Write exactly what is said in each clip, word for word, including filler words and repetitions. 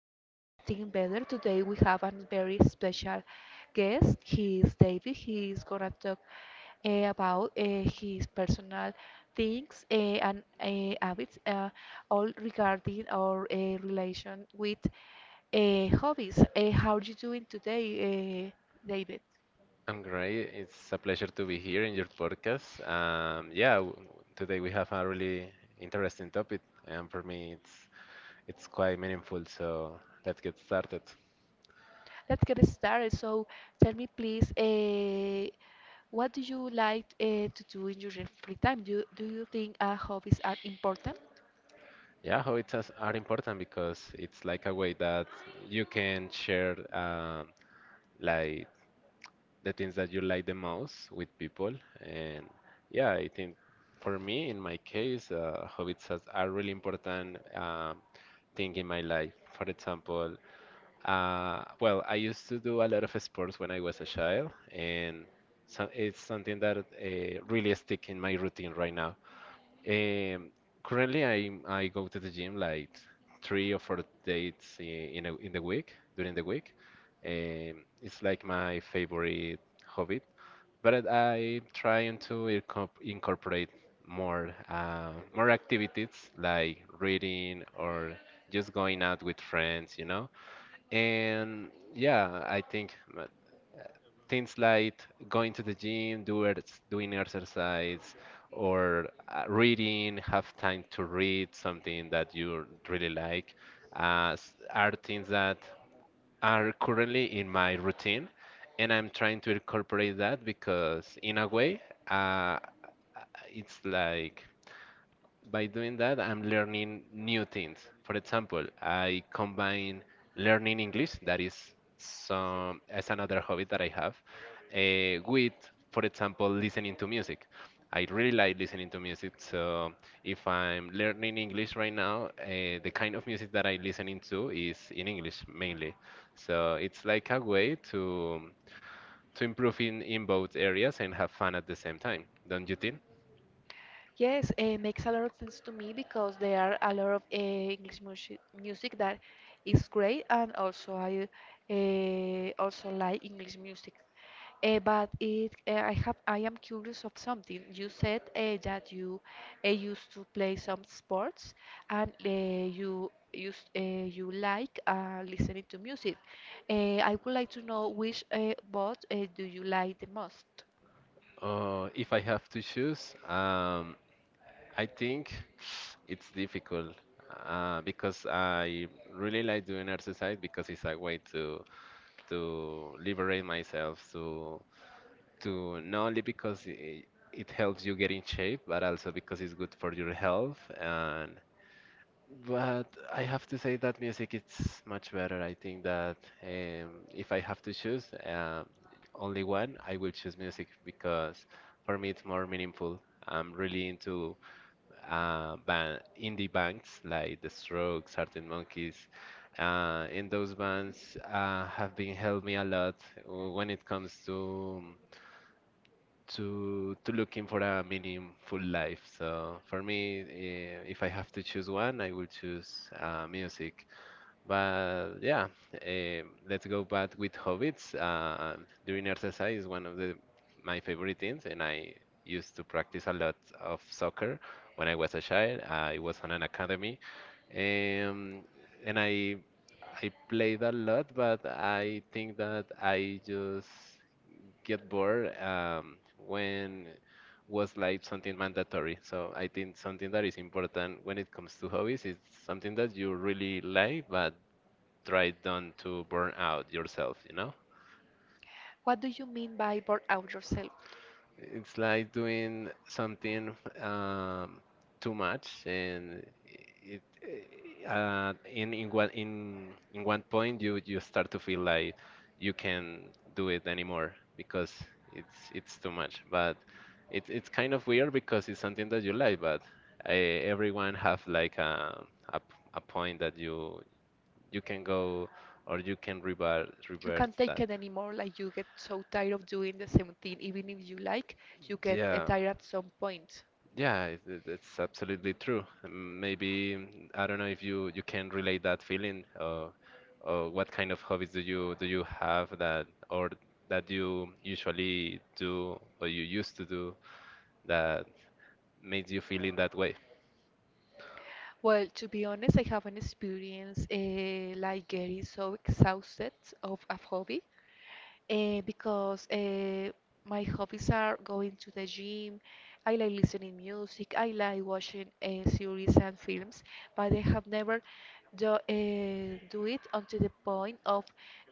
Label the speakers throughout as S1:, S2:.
S1: podcasting better. Today we have a very special guest. He is David. He is gonna talk eh, about eh, his personal things eh, and eh, habits, uh, all regarding our eh, relation with eh, hobbies. Eh, how are you doing today, eh, David?
S2: I'm great. It's a pleasure to be here in your podcast. Um, yeah, w- today we have a really interesting topic, and for me, it's it's quite meaningful. So let's get started.
S1: Let's get started. So tell me, please, uh, what do you like uh, to do in your free time? Do, do you think uh, hobbies are important?
S2: Yeah, hobbies are important because it's like a way that you can share, um, like the things that you like the most with people, and yeah, I think for me, in my case, uh, hobbies has- are really important um, thing in my life. For example, Uh, well, I used to do a lot of sports when I was a child, and so it's something that uh, really stick in my routine right now. Um, Currently, I I go to the gym like three or four days i- in a, in the week, during the week. Um, it's like my favorite hobby, but I trying to incorp- incorporate more uh, more activities like reading or just going out with friends, you know. And yeah, I think uh, things like going to the gym, do ex- doing exercise, or uh, reading, have time to read something that you really like, uh, s- are things that are currently in my routine. And I'm trying to incorporate that because, in a way, uh, it's like by doing that, I'm learning new things. For example, I combine learning English, that is some as another hobby that I have, eh, with, for example, listening to music. I really like listening to music, so if I'm learning English right now, uh, the kind of music that I'm listening to is in English mainly. So it's like a way to to improve in, in both areas and have fun at the same time, don't you think?
S1: Yes, it makes a lot of sense to me because there are a lot of uh, English music, music that is great, and also I uh, also like English music. Uh, but it, uh, I have, I am curious of something. You said uh, that you uh, used to play some sports, and uh, you used, uh, you like uh, listening to music. Uh, I would like to know which uh, both uh, do you like the most?
S2: Uh, if I have to choose, um, I think it's difficult uh, because I really like doing exercise because it's a way to to liberate myself to to not only because it, it helps you get in shape but also because it's good for your health and but I have to say that music it's much better. I think that um, if I have to choose, um, only one, I will choose music because for me it's more meaningful. I'm really into uh, band indie bands like The Strokes, Arctic Monkeys, uh, and those bands uh, have been helped me a lot uh, when it comes to to to looking for a meaningful life. So for me, eh, if I have to choose one, I will choose uh, music. But yeah, eh, let's go back with hobbits. Uh, during exercise is one of the my favorite things, and I used to practice a lot of soccer when I was a child. I was on an academy, um, and I I played a lot, but I think that I just get bored um, when was like something mandatory. So I think something that is important when it comes to hobbies is something that you really like, but try not to burn out yourself, you know?
S1: What do you mean by burn out yourself?
S2: It's like doing something um, too much and it, uh, in in one in in one point you you start to feel like you can do it anymore because it's it's too much. But it's it's kind of weird because it's something that you like, but uh, everyone have like a, a p- a point that you you can go or you can revert
S1: You
S2: revert
S1: can't take
S2: that.
S1: it anymore, like you get so tired of doing the same thing, even if you like, you get uh,
S2: Yeah.
S1: tired at some point.
S2: Yeah, it, it- it's absolutely true. Um, Maybe mm, I don't know if you you can relate that feeling, or, or what kind of hobbies do you do you have that or that you usually do or you used to do that makes you feel in that way?
S1: Well, to be honest, I haven't experienced uh, like getting so exhausted of a hobby. eh, because eh, my hobbies are going to the gym. I like listening music. I like watching eh, series and films, but I have never do, eh, do it until the point of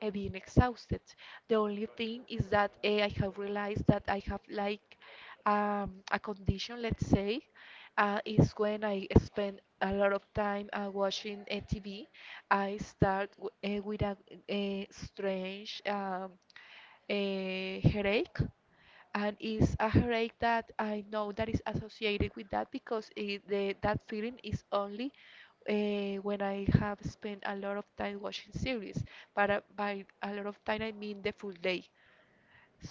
S1: eh, being exhausted. The only thing is that eh, I have realized that I have like um, a condition, let's say, uh, is when I spend a lot of time uh, watching uh, T V. I start w uh, with a, a strange um, a headache, and it's a headache that I know that is associated with that because it, the, that feeling is only uh, when I have spent a lot of time watching series. But uh, by a lot of time, I mean the full day.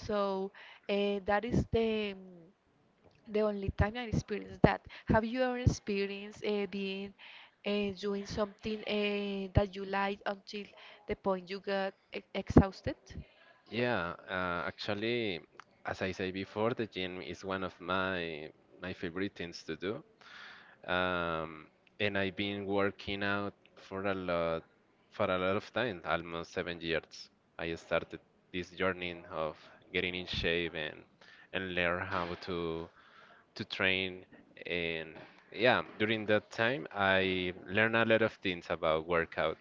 S1: So uh, that is the mm, the only time I experienced that. Have you ever experienced uh, being uh, doing something uh, that you like until the point you got e exhausted?
S2: Yeah, uh, actually, as I say before, the gym is one of my my favorite things to do. um, and I've been working out for a lot for a lot of time, almost seven years. I started this journey of getting in shape and and learn how to to train and yeah, during that time I learned a lot of things about workout.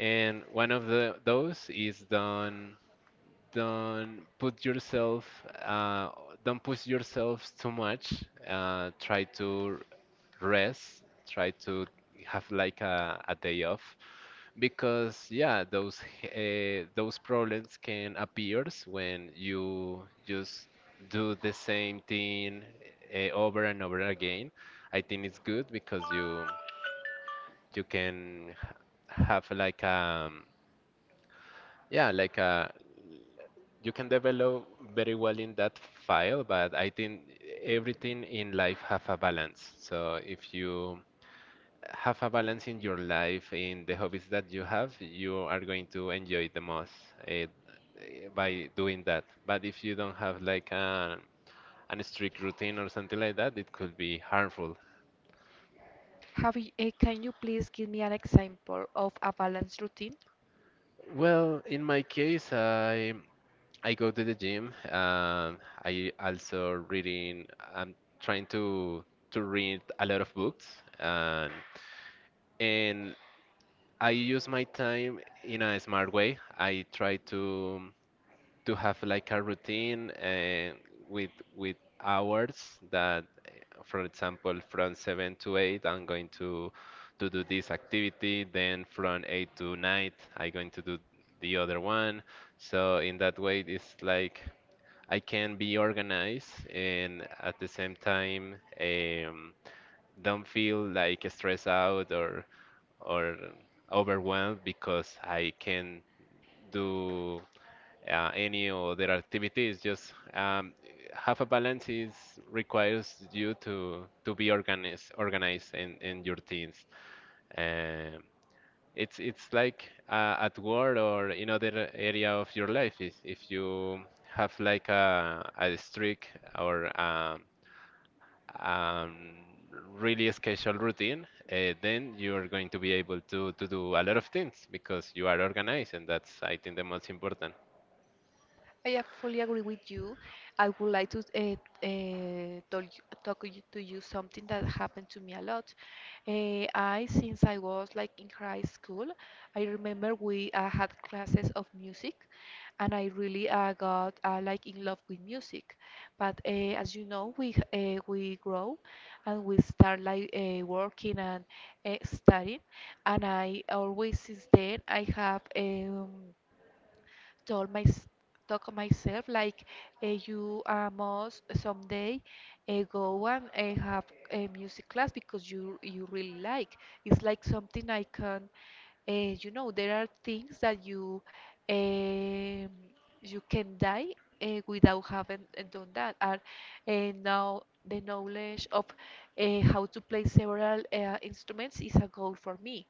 S2: And one of the those is don't don't put yourself, uh, don't push yourself too much. Uh, try to rest, try to have like a, a day off because yeah, those uh, those problems can appear when you just do the same thing uh, over and over again. I think it's good because you you can h- have like, um yeah, like a, you can develop very well in that file, but I think everything in life have a balance, so if you have a balance in your life in the hobbies that you have, you are going to enjoy the most eh, eh, by doing that, but if you don't have like an, an strict routine or something like that, it could be harmful.
S1: Have you, uh, can you please give me an example of a balanced routine?
S2: Well, in my case, I i go to the gym, um, I also reading, I'm trying to to read a lot of books and and I use my time in a smart way. I try to to have like a routine, uh, with with hours that, eh, for example, from seven to eight I'm going to to do this activity, then from eight to nine I'm going to do the other one. So in that way it's like I can be organized and at the same time, um, don't feel like stressed out or or overwhelmed because I can do uh, any other activities. Just, um, have a balance is requires you to to be organized organized in, in your teams. Um, it's it's like uh, at work or in other area of your life. If, if you have like a, a strict or um, um, really scheduled routine, uh, then you are going to be able to, to do a lot of things because you are organized, and that's I think the most important.
S1: I uh, fully agree with you. I would like to uh, uh, tell you, talk you- to you something that happened to me a lot. Uh, I, since I was like in high school, I remember we uh, had classes of music, and I really uh, got uh, like in love with music. But uh, as you know, we uh, we grow, and we start like uh, working and uh, studying. And I always since then I have. Um, told my talk myself, like uh, you uh, must someday uh, go and uh, have a music class because you you really like. It's like something I can, uh, you know, there are things that you um, you can die uh, without having uh, done that. And uh, now the knowledge of uh, how to play several uh, instruments is a goal for me.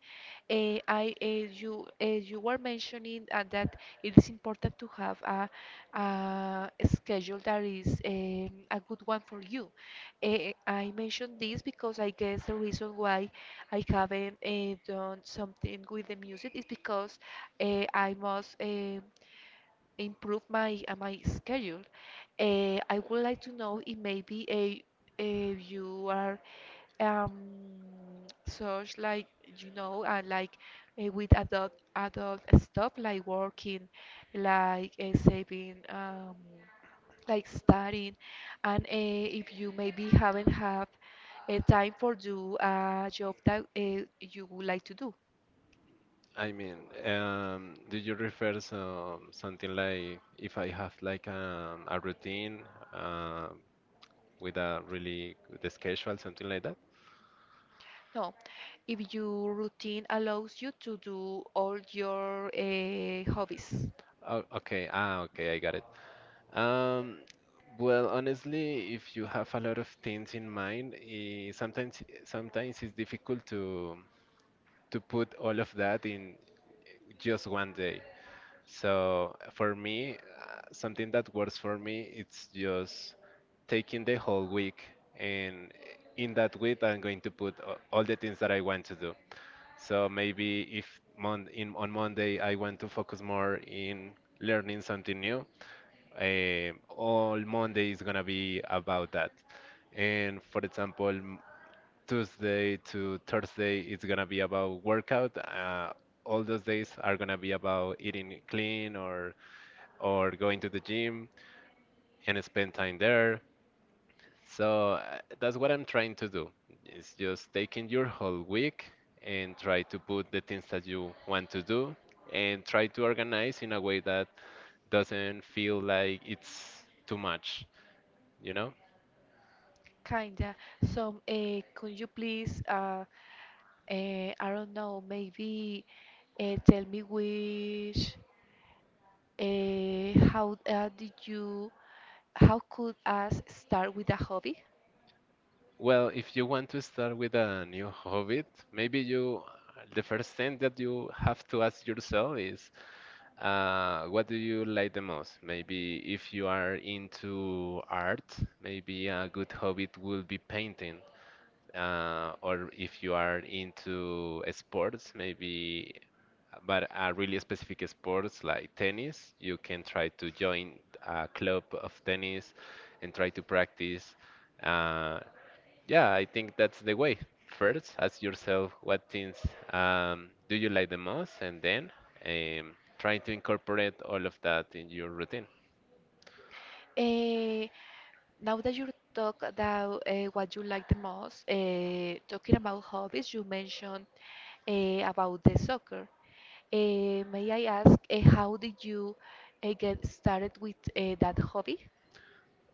S1: Eh, I, eh, you, eh, You were mentioning uh, that it is important to have a, a schedule that is um, a good one for you. Eh, I mentioned this because I guess the reason why I haven't eh, done something with the music is because eh, I must. eh, improve my uh, my schedule. Uh, I would like to know if maybe a, a you are um, such like you know uh, like uh, with adult adult stuff like working, like uh, saving um, like studying, and uh, if you maybe haven't have a time for do a job that uh, you would like to do.
S2: I mean, um, do you refer some something like if I have like, um, a routine, uh, with a really good schedule, something like that?
S1: No, if your routine allows you to do all your uh, hobbies,
S2: Oh, okay. Ah, okay, I got it. Um, well, honestly, if you have a lot of things in mind, eh, sometimes sometimes it's difficult to to put all of that in just one day. So for me, uh, something that works for me, it's just taking the whole week, and in that week, I'm going to put a- all the things that I want to do. So maybe if mon in, on Monday I want to focus more in learning something new, eh, all Monday is gonna be about that. And for example, m- Tuesday to Thursday it's gonna be about workout. Uh, all those days are gonna be about eating clean or or going to the gym and spend time there. So uh, that's what I'm trying to do. It's just taking your whole week and try to put the things that you want to do and try to organize in a way that doesn't feel like it's too much, you know?
S1: kinda. So, uh, could you please, uh, uh, I don't know, maybe uh, tell me which, uh, how uh, did you, how could us start with a hobby?
S2: Well, if you want to start with a new hobby, maybe you the first thing that you have to ask yourself is, uh, what do you like the most? Maybe if you are into art, maybe a good hobby will be painting. Uh, or if you are into sports, maybe, but a really specific sports like tennis, you can try to join a club of tennis and try to practice. Uh, yeah, I think that's the way. First, ask yourself what things, um, do you like the most, and then, um, try to incorporate all of that in your routine.
S1: Eh, Now that you talk about eh, what you like the most, eh, talking about hobbies, you mentioned eh, about the soccer. Eh, may I ask, eh, how did you eh, get started with eh, that hobby?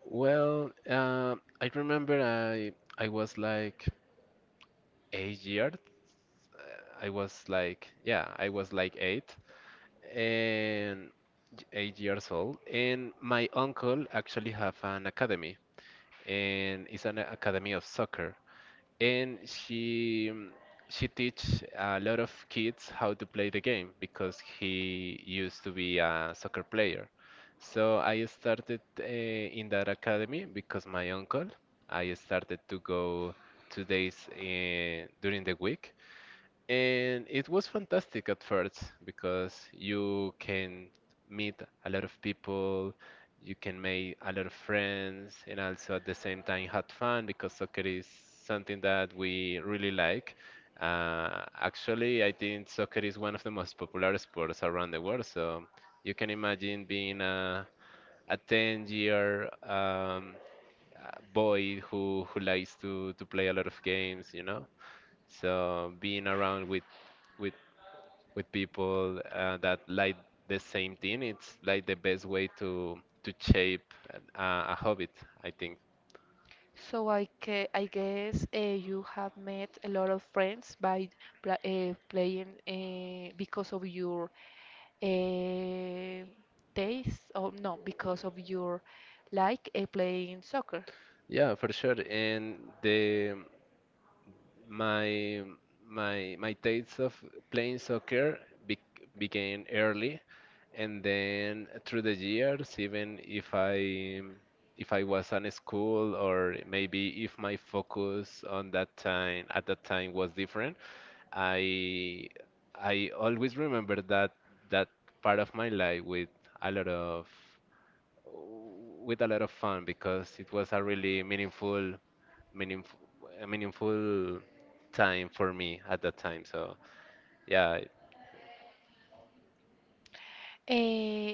S2: Well, uh, I remember I I was like eight years. I was like, yeah, I was like eight and eight years old. And my uncle actually have an academy, and it's an academy of soccer. And she, um, she teach a lot of kids how to play the game because he used to be a soccer player. So I started uh, in that academy because my uncle. I started to go two days uh, during the week, and it was fantastic at first because you can meet a lot of people, you can make a lot of friends, and also at the same time had fun because soccer is something that we really like. Uh, actually, I think soccer is one of the most popular sports around the world, so you can imagine being a, a ten-year um, uh, boy who, who likes to, to play a lot of games, you know? So being around with with with people uh, that like the same thing, it's like the best way to to shape uh, a habit, I think.
S1: So I, ca- I guess uh, you have met a lot of friends by pla uh, playing uh, because of your uh, taste, or no, because of your like uh, playing soccer.
S2: Yeah, for sure. And the my my my taste of playing soccer be began early, and then through the years, even if I if I was on school or maybe if my focus on that time at that time was different, I I always remember that that part of my life with a lot of with a lot of fun because it was a really meaningful meaningful a meaningful time for me at that time. So yeah, I-
S1: Uh,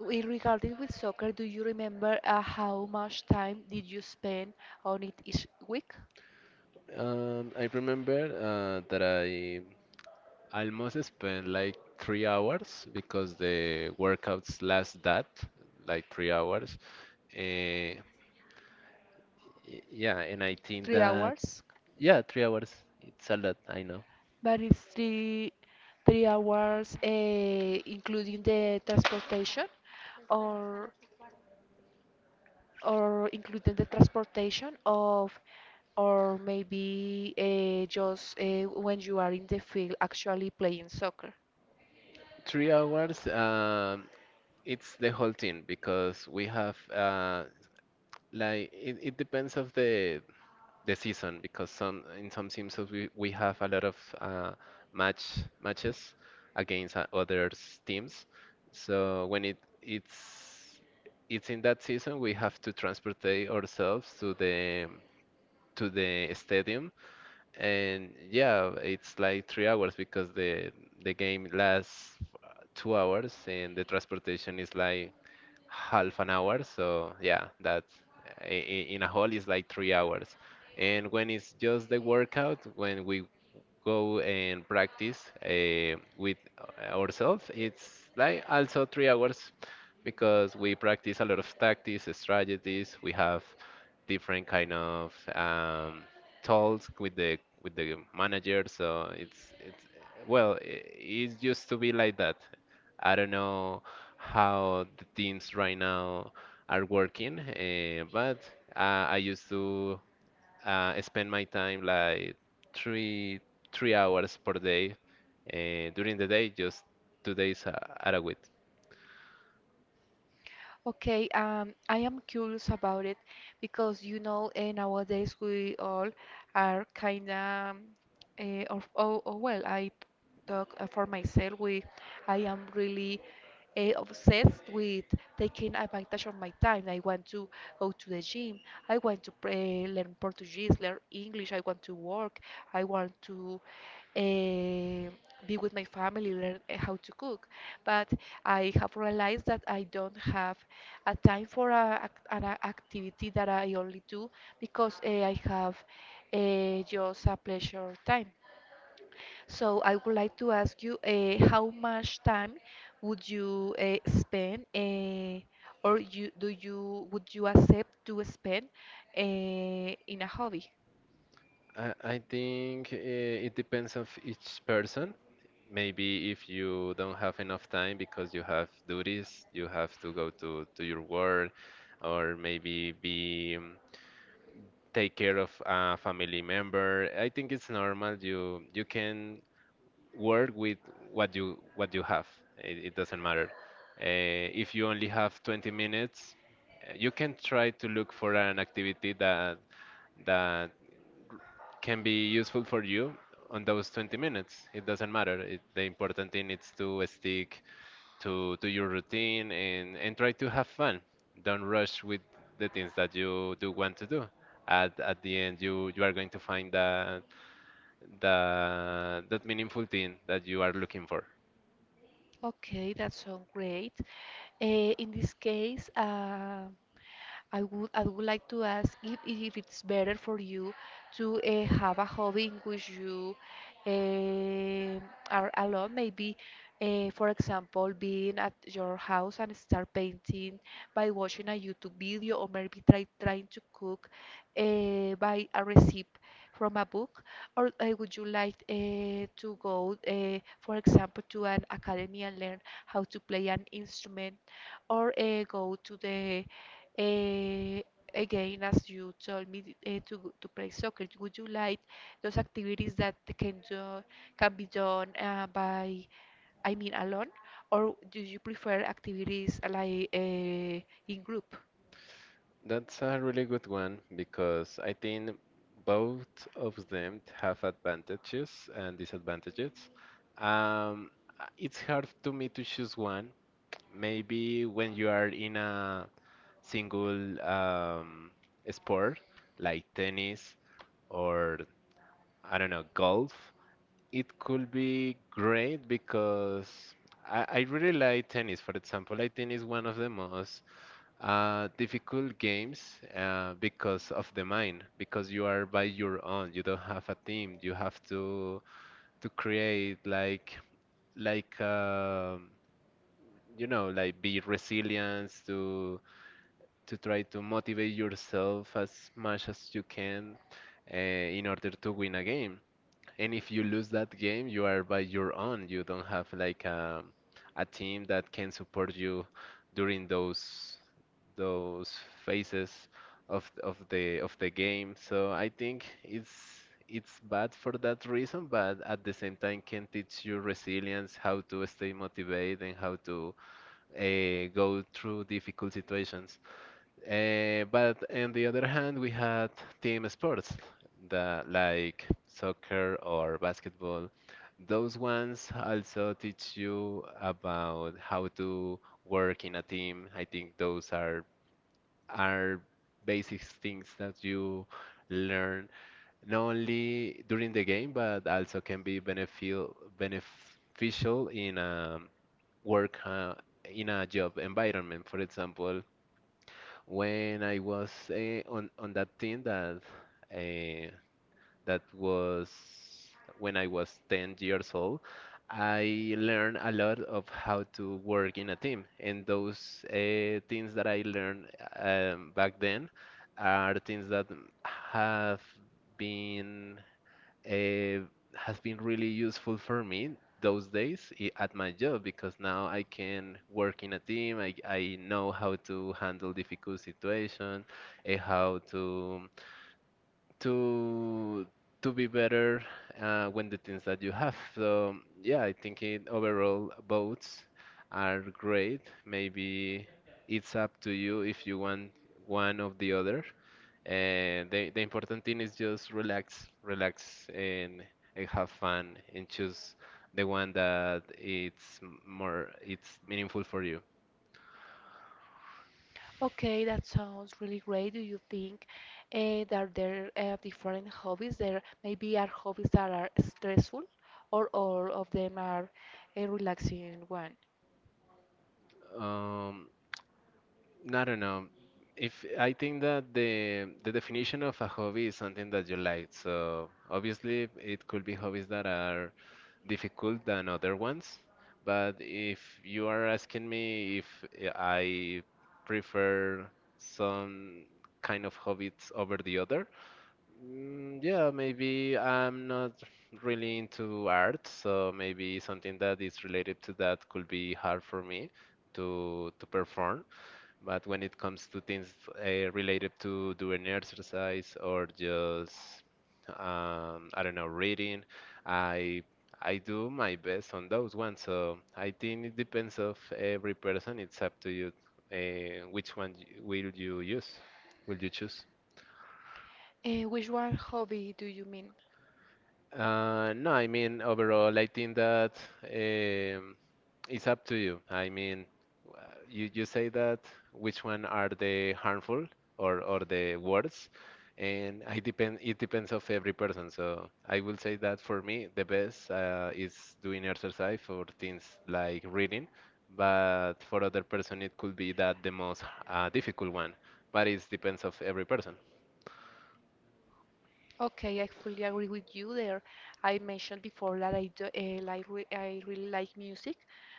S1: Regarding with soccer, do you remember uh, how much time did you spend on it each week?
S2: um, I remember uh, that I almost spent like three hours because the workouts last that like three hours. Uh, yeah, and I think
S1: Three
S2: that
S1: hours?
S2: yeah, three hours. It's a lot, I know.
S1: but it's three three hours, uh, including the transportation, or or including the transportation of, or maybe uh, just uh, when you are in the field actually playing soccer.
S2: Three hours. Um, it's the whole thing because we have uh, like it, it depends of the the season because some in some seasons we, we have a lot of uh, match matches against uh, other teams. So when it it's it's in that season we have to transport ourselves to the to the stadium, and yeah, it's like three hours because the the game lasts uh, two hours and the transportation is like half an hour. So yeah, that's i- i- in a hall is like three hours. And when it's just the workout, when we go and practice uh, with eh, ourselves, it's like also three hours because we practice a lot of tactics, strategies. We have different kind of um, talks with the with the manager. So it's it's well, i- it used to be like that. I don't know how the teams right now are working, uh, but uh, I used to uh, I spend my time like three three hours per day, and during the day just two days uh, out of it.
S1: Okay, um, I am curious about it because you know, eh, nowadays we all are kind of, uh, or, oh, oh, well, I talk uh, for myself. We, I am really eh, obsessed with taking advantage of my time. I want to go to the gym. I want to pray, learn Portuguese, learn English. I want to work. I want to eh, be with my family, learn eh, how to cook. But I have realized that I don't have a time for a, ac- an a- activity that I only do because eh, I have eh, just a pleasure time. So I would like to ask you uh, how much time would you uh, spend uh, or you do you would you accept to spend uh, in a hobby?
S2: I, I think uh, it depends of each person. Maybe if you don't have enough time because you have duties, you have to go to, to your work, or maybe be um, take care of a family member. I think it's normal. You you can work with what you what you have. It, it doesn't matter. Uh, if you only have twenty minutes, uh, you can try to look for an activity that that can be useful for you on those twenty minutes. It doesn't matter. It, the important thing is to stick to to your routine and and try to have fun. Don't rush with the things that you do want to do. At, at the end, you, you are going to find that, that that meaningful thing that you are looking for.
S1: Okay, that sounds great. Uh, in this case, uh, I would I would like to ask if if it's better for you to uh, have a hobby in which you uh, are alone, maybe uh, for example being at your house and start painting by watching a YouTube video or maybe try trying to cook uh, by a recipe from a book, or uh, would you like uh, to go, uh, for example, to an academy and learn how to play an instrument, or uh, go to the Eh, again, as you told me uh, to to play soccer, would you like those activities that can do, can be done uh, by, I mean, alone, or do you prefer activities like uh, in group?
S2: That's a really good one because I think both of them have advantages and disadvantages. Um, uh, it's hard to me to choose one. Maybe when you are in a single um, sport like tennis or, I don't know, golf, it could be great because I, I really like tennis, for example. I think it's one of the most uh, difficult games uh, because of the mind, because you are by your own. You don't have a team. You have to to create like like um, you know like be resilient to to try to motivate yourself as much as you can uh, in order to win a game. And if you lose that game, you are by your own. You don't have like a, a team that can support you during those those phases of of the of the game. So I think it's it's bad for that reason, but at the same time can teach you resilience, how to stay motivated, and how to uh, go through difficult situations. Uh, but on the other hand, we had team sports, the, like soccer or basketball. Those ones also teach you about how to work in a team. I think those are are basic things that you learn not only during the game, but also can be beneficial beneficial in a work uh, in a job environment. For example, when I was uh, on on that team that uh, that was when I was ten years old, I learned a lot of how to work in a team, and those uh, things that I learned um, back then are things that have been uh, has been really useful for me those days i- at my job because now I can work in a team. I, I know how to handle difficult situation, and how to to to be better uh, when the things that you have. So yeah, I think it, overall boats are great. Maybe it's up to you if you want one of the other. And the, the important thing is just relax, relax and and have fun and choose the one that it's m- more it's meaningful for you.
S1: Okay, that sounds really great. Do you think uh, that there are different hobbies? There maybe are hobbies that are stressful, or all of them are a relaxing one.
S2: Um, I don't know. If I think that the the definition of a hobby is something that you like, so obviously it could be hobbies that are difficult than other ones. But if you are asking me if I prefer some kind of hobbies over the other, mm, yeah, maybe I'm not really into art, so maybe something that is related to that could be hard for me to to perform. But when it comes to things uh, related to doing exercise or just um, I don't know, reading, I I do my best on those ones. So I think it depends of every person. It's up to you uh, which one y- will you use, will you choose?
S1: Uh, which one hobby do you mean?
S2: Uh, no, I mean, overall, I think that um, it's up to you. I mean, uh, you, you say that which one are the harmful, or, or the words, and I depend, it depends of every person. So I will say that for me, the best uh, is doing exercise for things like reading, but for other person, it could be that the most uh, difficult one, but it depends of every person.
S1: Okay, I fully agree with you there. I mentioned before that I do, uh, like re I really like music,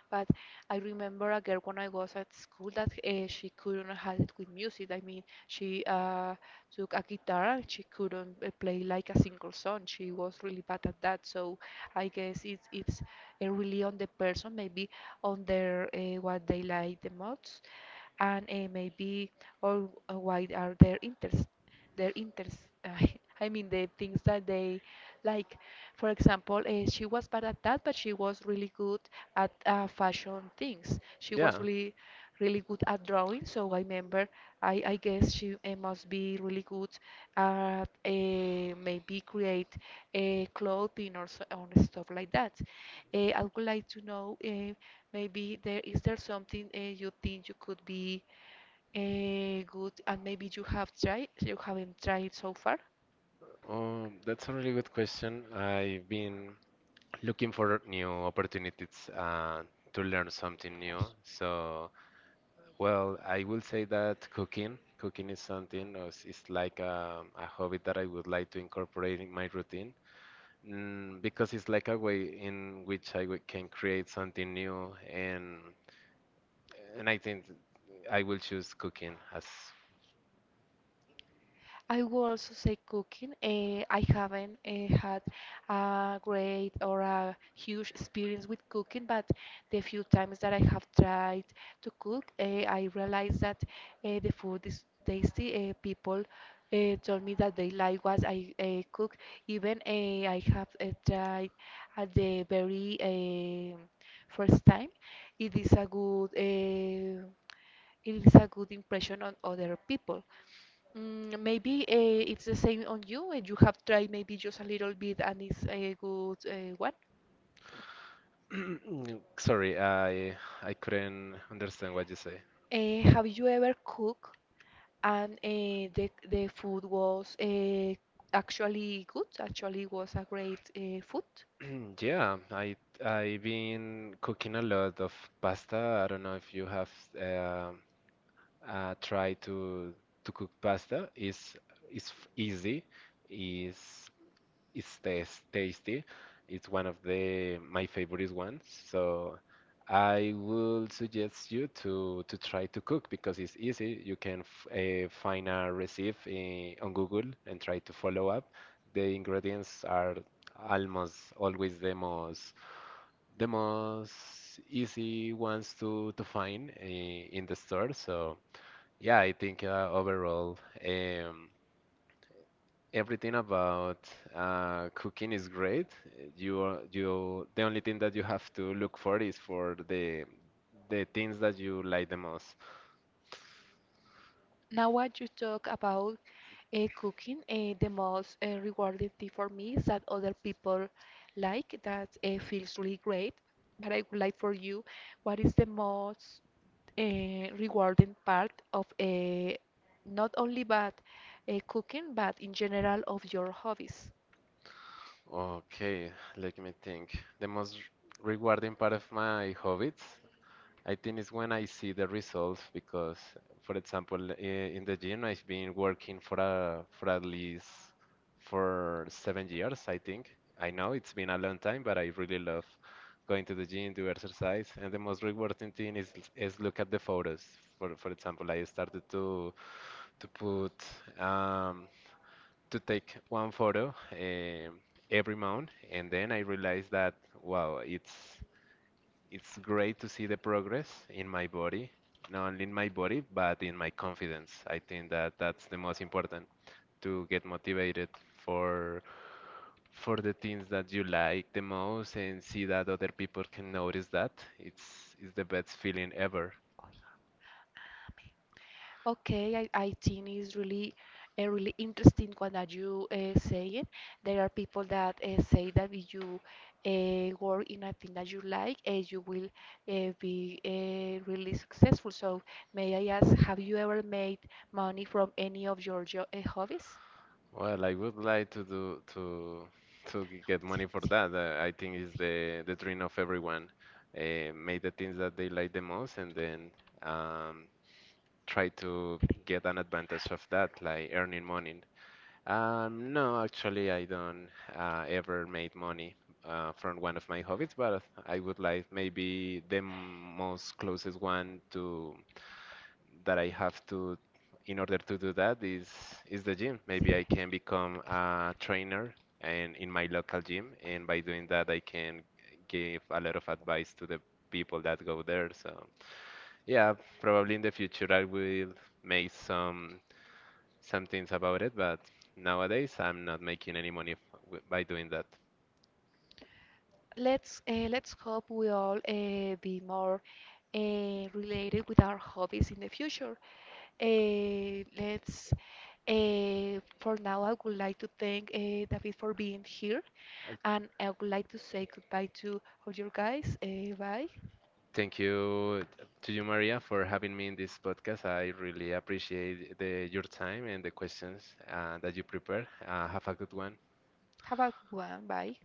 S1: but I remember a girl when I was at school that uh, she couldn't have it with music. I mean, she uh, took a guitar and she couldn't uh, play like a single song. She was really bad at that. So I guess it's it's uh, really on the person, maybe on their uh, what they like the most and eh, maybe or uh, why are their interests their interests I mean the things that they like for example uh, she was bad at that but she was really good at uh, fashion things she was
S2: Yeah,
S1: really really good at drawing so I remember I, I guess she uh, must be really good at uh, maybe create uh, clothing or, so, or stuff like that uh, I would like to know uh, Maybe there is there something uh, you think you could be uh, good and maybe you have tried, you haven't tried so far?
S2: um, that's a really good question. I've been looking for new opportunities uh, to learn something new. So, well, I will say that cooking, cooking is something, is it's it's like a, a hobby that I would like to incorporate in my routine. Mm, because it's like a way in which I wi- can create something new, and and I think I will choose cooking as.
S1: I would also say cooking. Uh, I haven't uh, had a great or a huge experience with cooking, but the few times that I have tried to cook, uh, I realized that uh, the food is tasty. Uh, people uh, told me that they like what I uh, cook. Even uh, I have uh, tried at the very um first time. It is a good. Uh, it is a good impression on other people. Mm, maybe uh, it's the same on you, and you have tried maybe just a little bit, and it's a good uh, one.
S2: Sorry, I I couldn't understand what you say.
S1: Uh, have you ever cooked and uh, the the food was uh, actually good? Actually, was a great uh, food.
S2: Yeah, I I've been cooking a lot of pasta. I don't know if you have uh, uh, tried to to cook pasta. It's it's f- easy. It's it tastes tasty. It's one of the my favorite ones. So I would suggest you to to try to cook because it's easy. You can f uh, find a recipe eh, on Google and try to follow up. The ingredients are almost always the most the most easy ones to to find uh, in the store. So yeah, I think uh, overall. Um, Everything about uh, cooking is great. You are- you The only thing that you have to look for is for the the things that you like the most.
S1: Now, what you talk about uh, cooking, uh, the most uh, rewarding thing for me is that other people like that uh, feels really great. But I would like for you, what is the most uh, rewarding part of uh, not only but uh, cooking, but in general of your hobbies?
S2: Okay, let me think. The most rewarding part of my hobbies. I think it's when I see the results because, for example, i- in the gym I've been working for a for at least for seven years, I think. I know it's been a long time, but I really love going to the gym, do exercise, and the most rewarding thing is is look at the photos. For for example, I started to to put um, to take one photo um every month, and then I realized that wow, it's it's great to see the progress in my body, not only in my body, but in my confidence. I think that that's the most important to get motivated for for the things that you like the most and see that other people can notice that. It's it's the best feeling ever.
S1: Okay, I, I think it's really a really interesting one that you uh, saying. There are people that uh, say that if you uh, work in a thing that you like, uh, you will uh, be uh, really successful. So may I ask, have you ever made money from any of your jo uh, hobbies?
S2: Well, I would like to do to to g- get money for that. Uh, I think is the the dream of everyone. Uh, make the things that they like the most, and then um, try to get an advantage of that, like earning money. Um, no, actually, I don't uh, ever made money uh, from one of my hobbies, but I would like maybe the m- most closest one to that I have to in order to do that is
S1: No.
S2: is the gym. Maybe I
S1: Select.
S2: can become a trainer and in my local gym, and by doing that, I can give a lot of advice to the people that go there. So. Yeah, probably in the future I will make some some things about it, but nowadays I'm not making any money f- w- by doing that.
S1: Let's uh, let's hope we all uh, be more uh, related with our hobbies in the future. Uh, let's Uh, for now, I would like to thank uh, David for being here,
S2: Uh,
S1: and I would like to say goodbye to all your guys. Uh, bye.
S2: Thank you to you, Maria, for having me in this podcast. I really appreciate the, your time and the questions uh, that you prepared. Uh, have a good one.
S1: Have a good one. Bye.